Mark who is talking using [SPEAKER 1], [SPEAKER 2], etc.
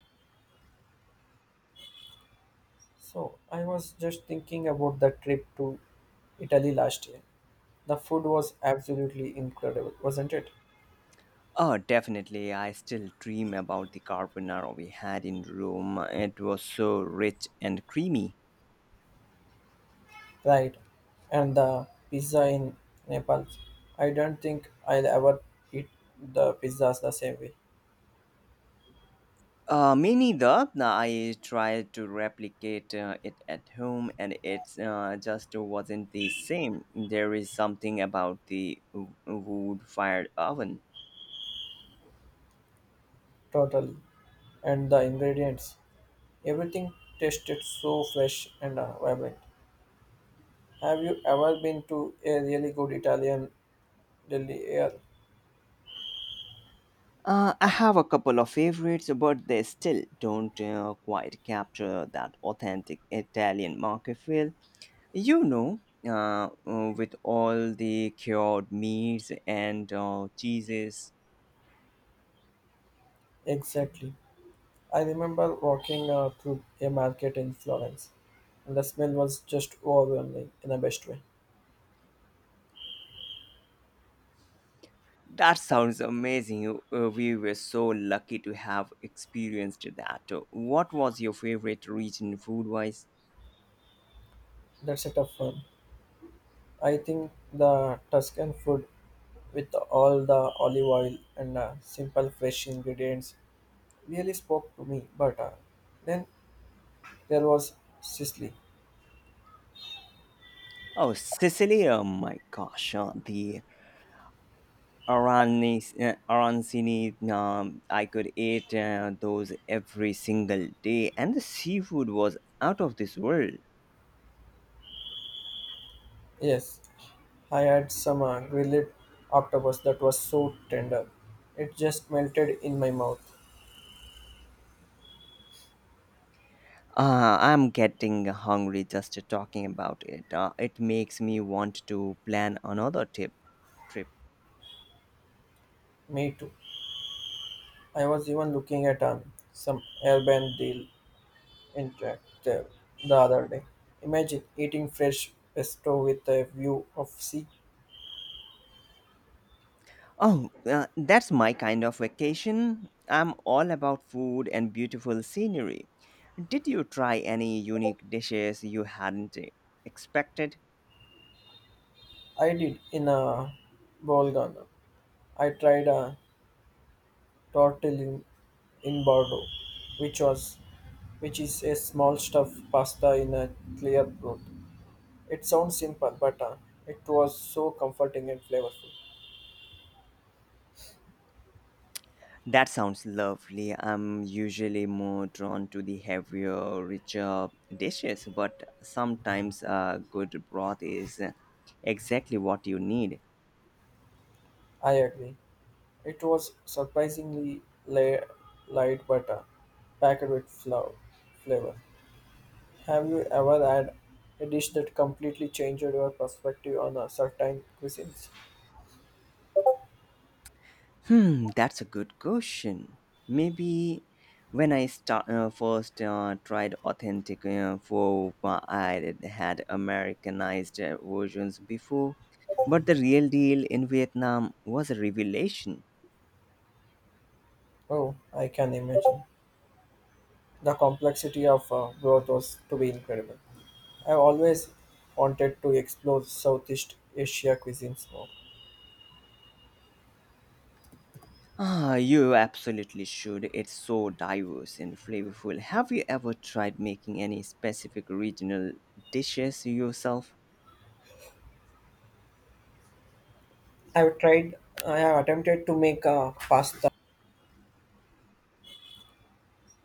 [SPEAKER 1] So I was just thinking about the trip to Italy last year. The food was absolutely incredible, wasn't it?
[SPEAKER 2] Oh, definitely. I still dream about the carbonara we had in Rome. It was so rich and creamy.
[SPEAKER 1] Right. And the pizza in Nepal. I don't think I'll ever eat the pizzas the same way.
[SPEAKER 2] Me neither. I tried to replicate it at home and it just wasn't the same. There is something about the wood fired oven.
[SPEAKER 1] Totally. And the ingredients. Everything tasted so fresh and vibrant. Have you ever been to a really good Italian deli? Yeah,
[SPEAKER 2] I have a couple of favorites, but they still don't quite capture that authentic Italian market feel. You know, with all the cured meats and cheeses,
[SPEAKER 1] exactly. I remember walking through a market in Florence, and the smell was just overwhelming in the best way.
[SPEAKER 2] that sounds amazing. We were so lucky to have experienced that. What was your favorite region food wise?
[SPEAKER 1] That's a tough one. I think the Tuscan food, with all the olive oil and simple fresh ingredients, really spoke to me. But then there was Sicily.
[SPEAKER 2] Oh, Sicily! Oh my gosh, arancini. I could eat those every single day, and the seafood was out of this world.
[SPEAKER 1] Yes, I had some grilled octopus that was so tender. It just melted in my mouth.
[SPEAKER 2] I'm getting hungry just talking about it. It makes me want to plan another tip trip.
[SPEAKER 1] Me too. I was even looking at some airbnb deal interactive the other day. Imagine eating fresh pesto with a view of sea.
[SPEAKER 2] Oh, that's my kind of vacation. I'm all about food and beautiful scenery. Did you try any unique dishes you hadn't expected?
[SPEAKER 1] I did in a Bolgana. I tried a tortellini in Bordeaux, which was which is a small stuffed pasta in a clear broth. It sounds simple, but it was so comforting and flavorful.
[SPEAKER 2] That sounds lovely. I'm usually more drawn to the heavier, richer dishes, but sometimes a good broth is exactly what you need.
[SPEAKER 1] I agree. It was surprisingly light, but packed with flavor. Have you ever had a dish that completely changed your perspective on a certain cuisines?
[SPEAKER 2] Hmm, that's a good question. Maybe when I first tried authentic pho, I had Americanized versions before, but the real deal in Vietnam was a revelation.
[SPEAKER 1] Oh, I can imagine. The complexity of broth was to be incredible. I've always wanted to explore Southeast Asia cuisines more.
[SPEAKER 2] Ah, you absolutely should. It's so diverse and flavorful. Have you ever tried making any specific regional dishes yourself?
[SPEAKER 1] I've tried, I have attempted to make pasta.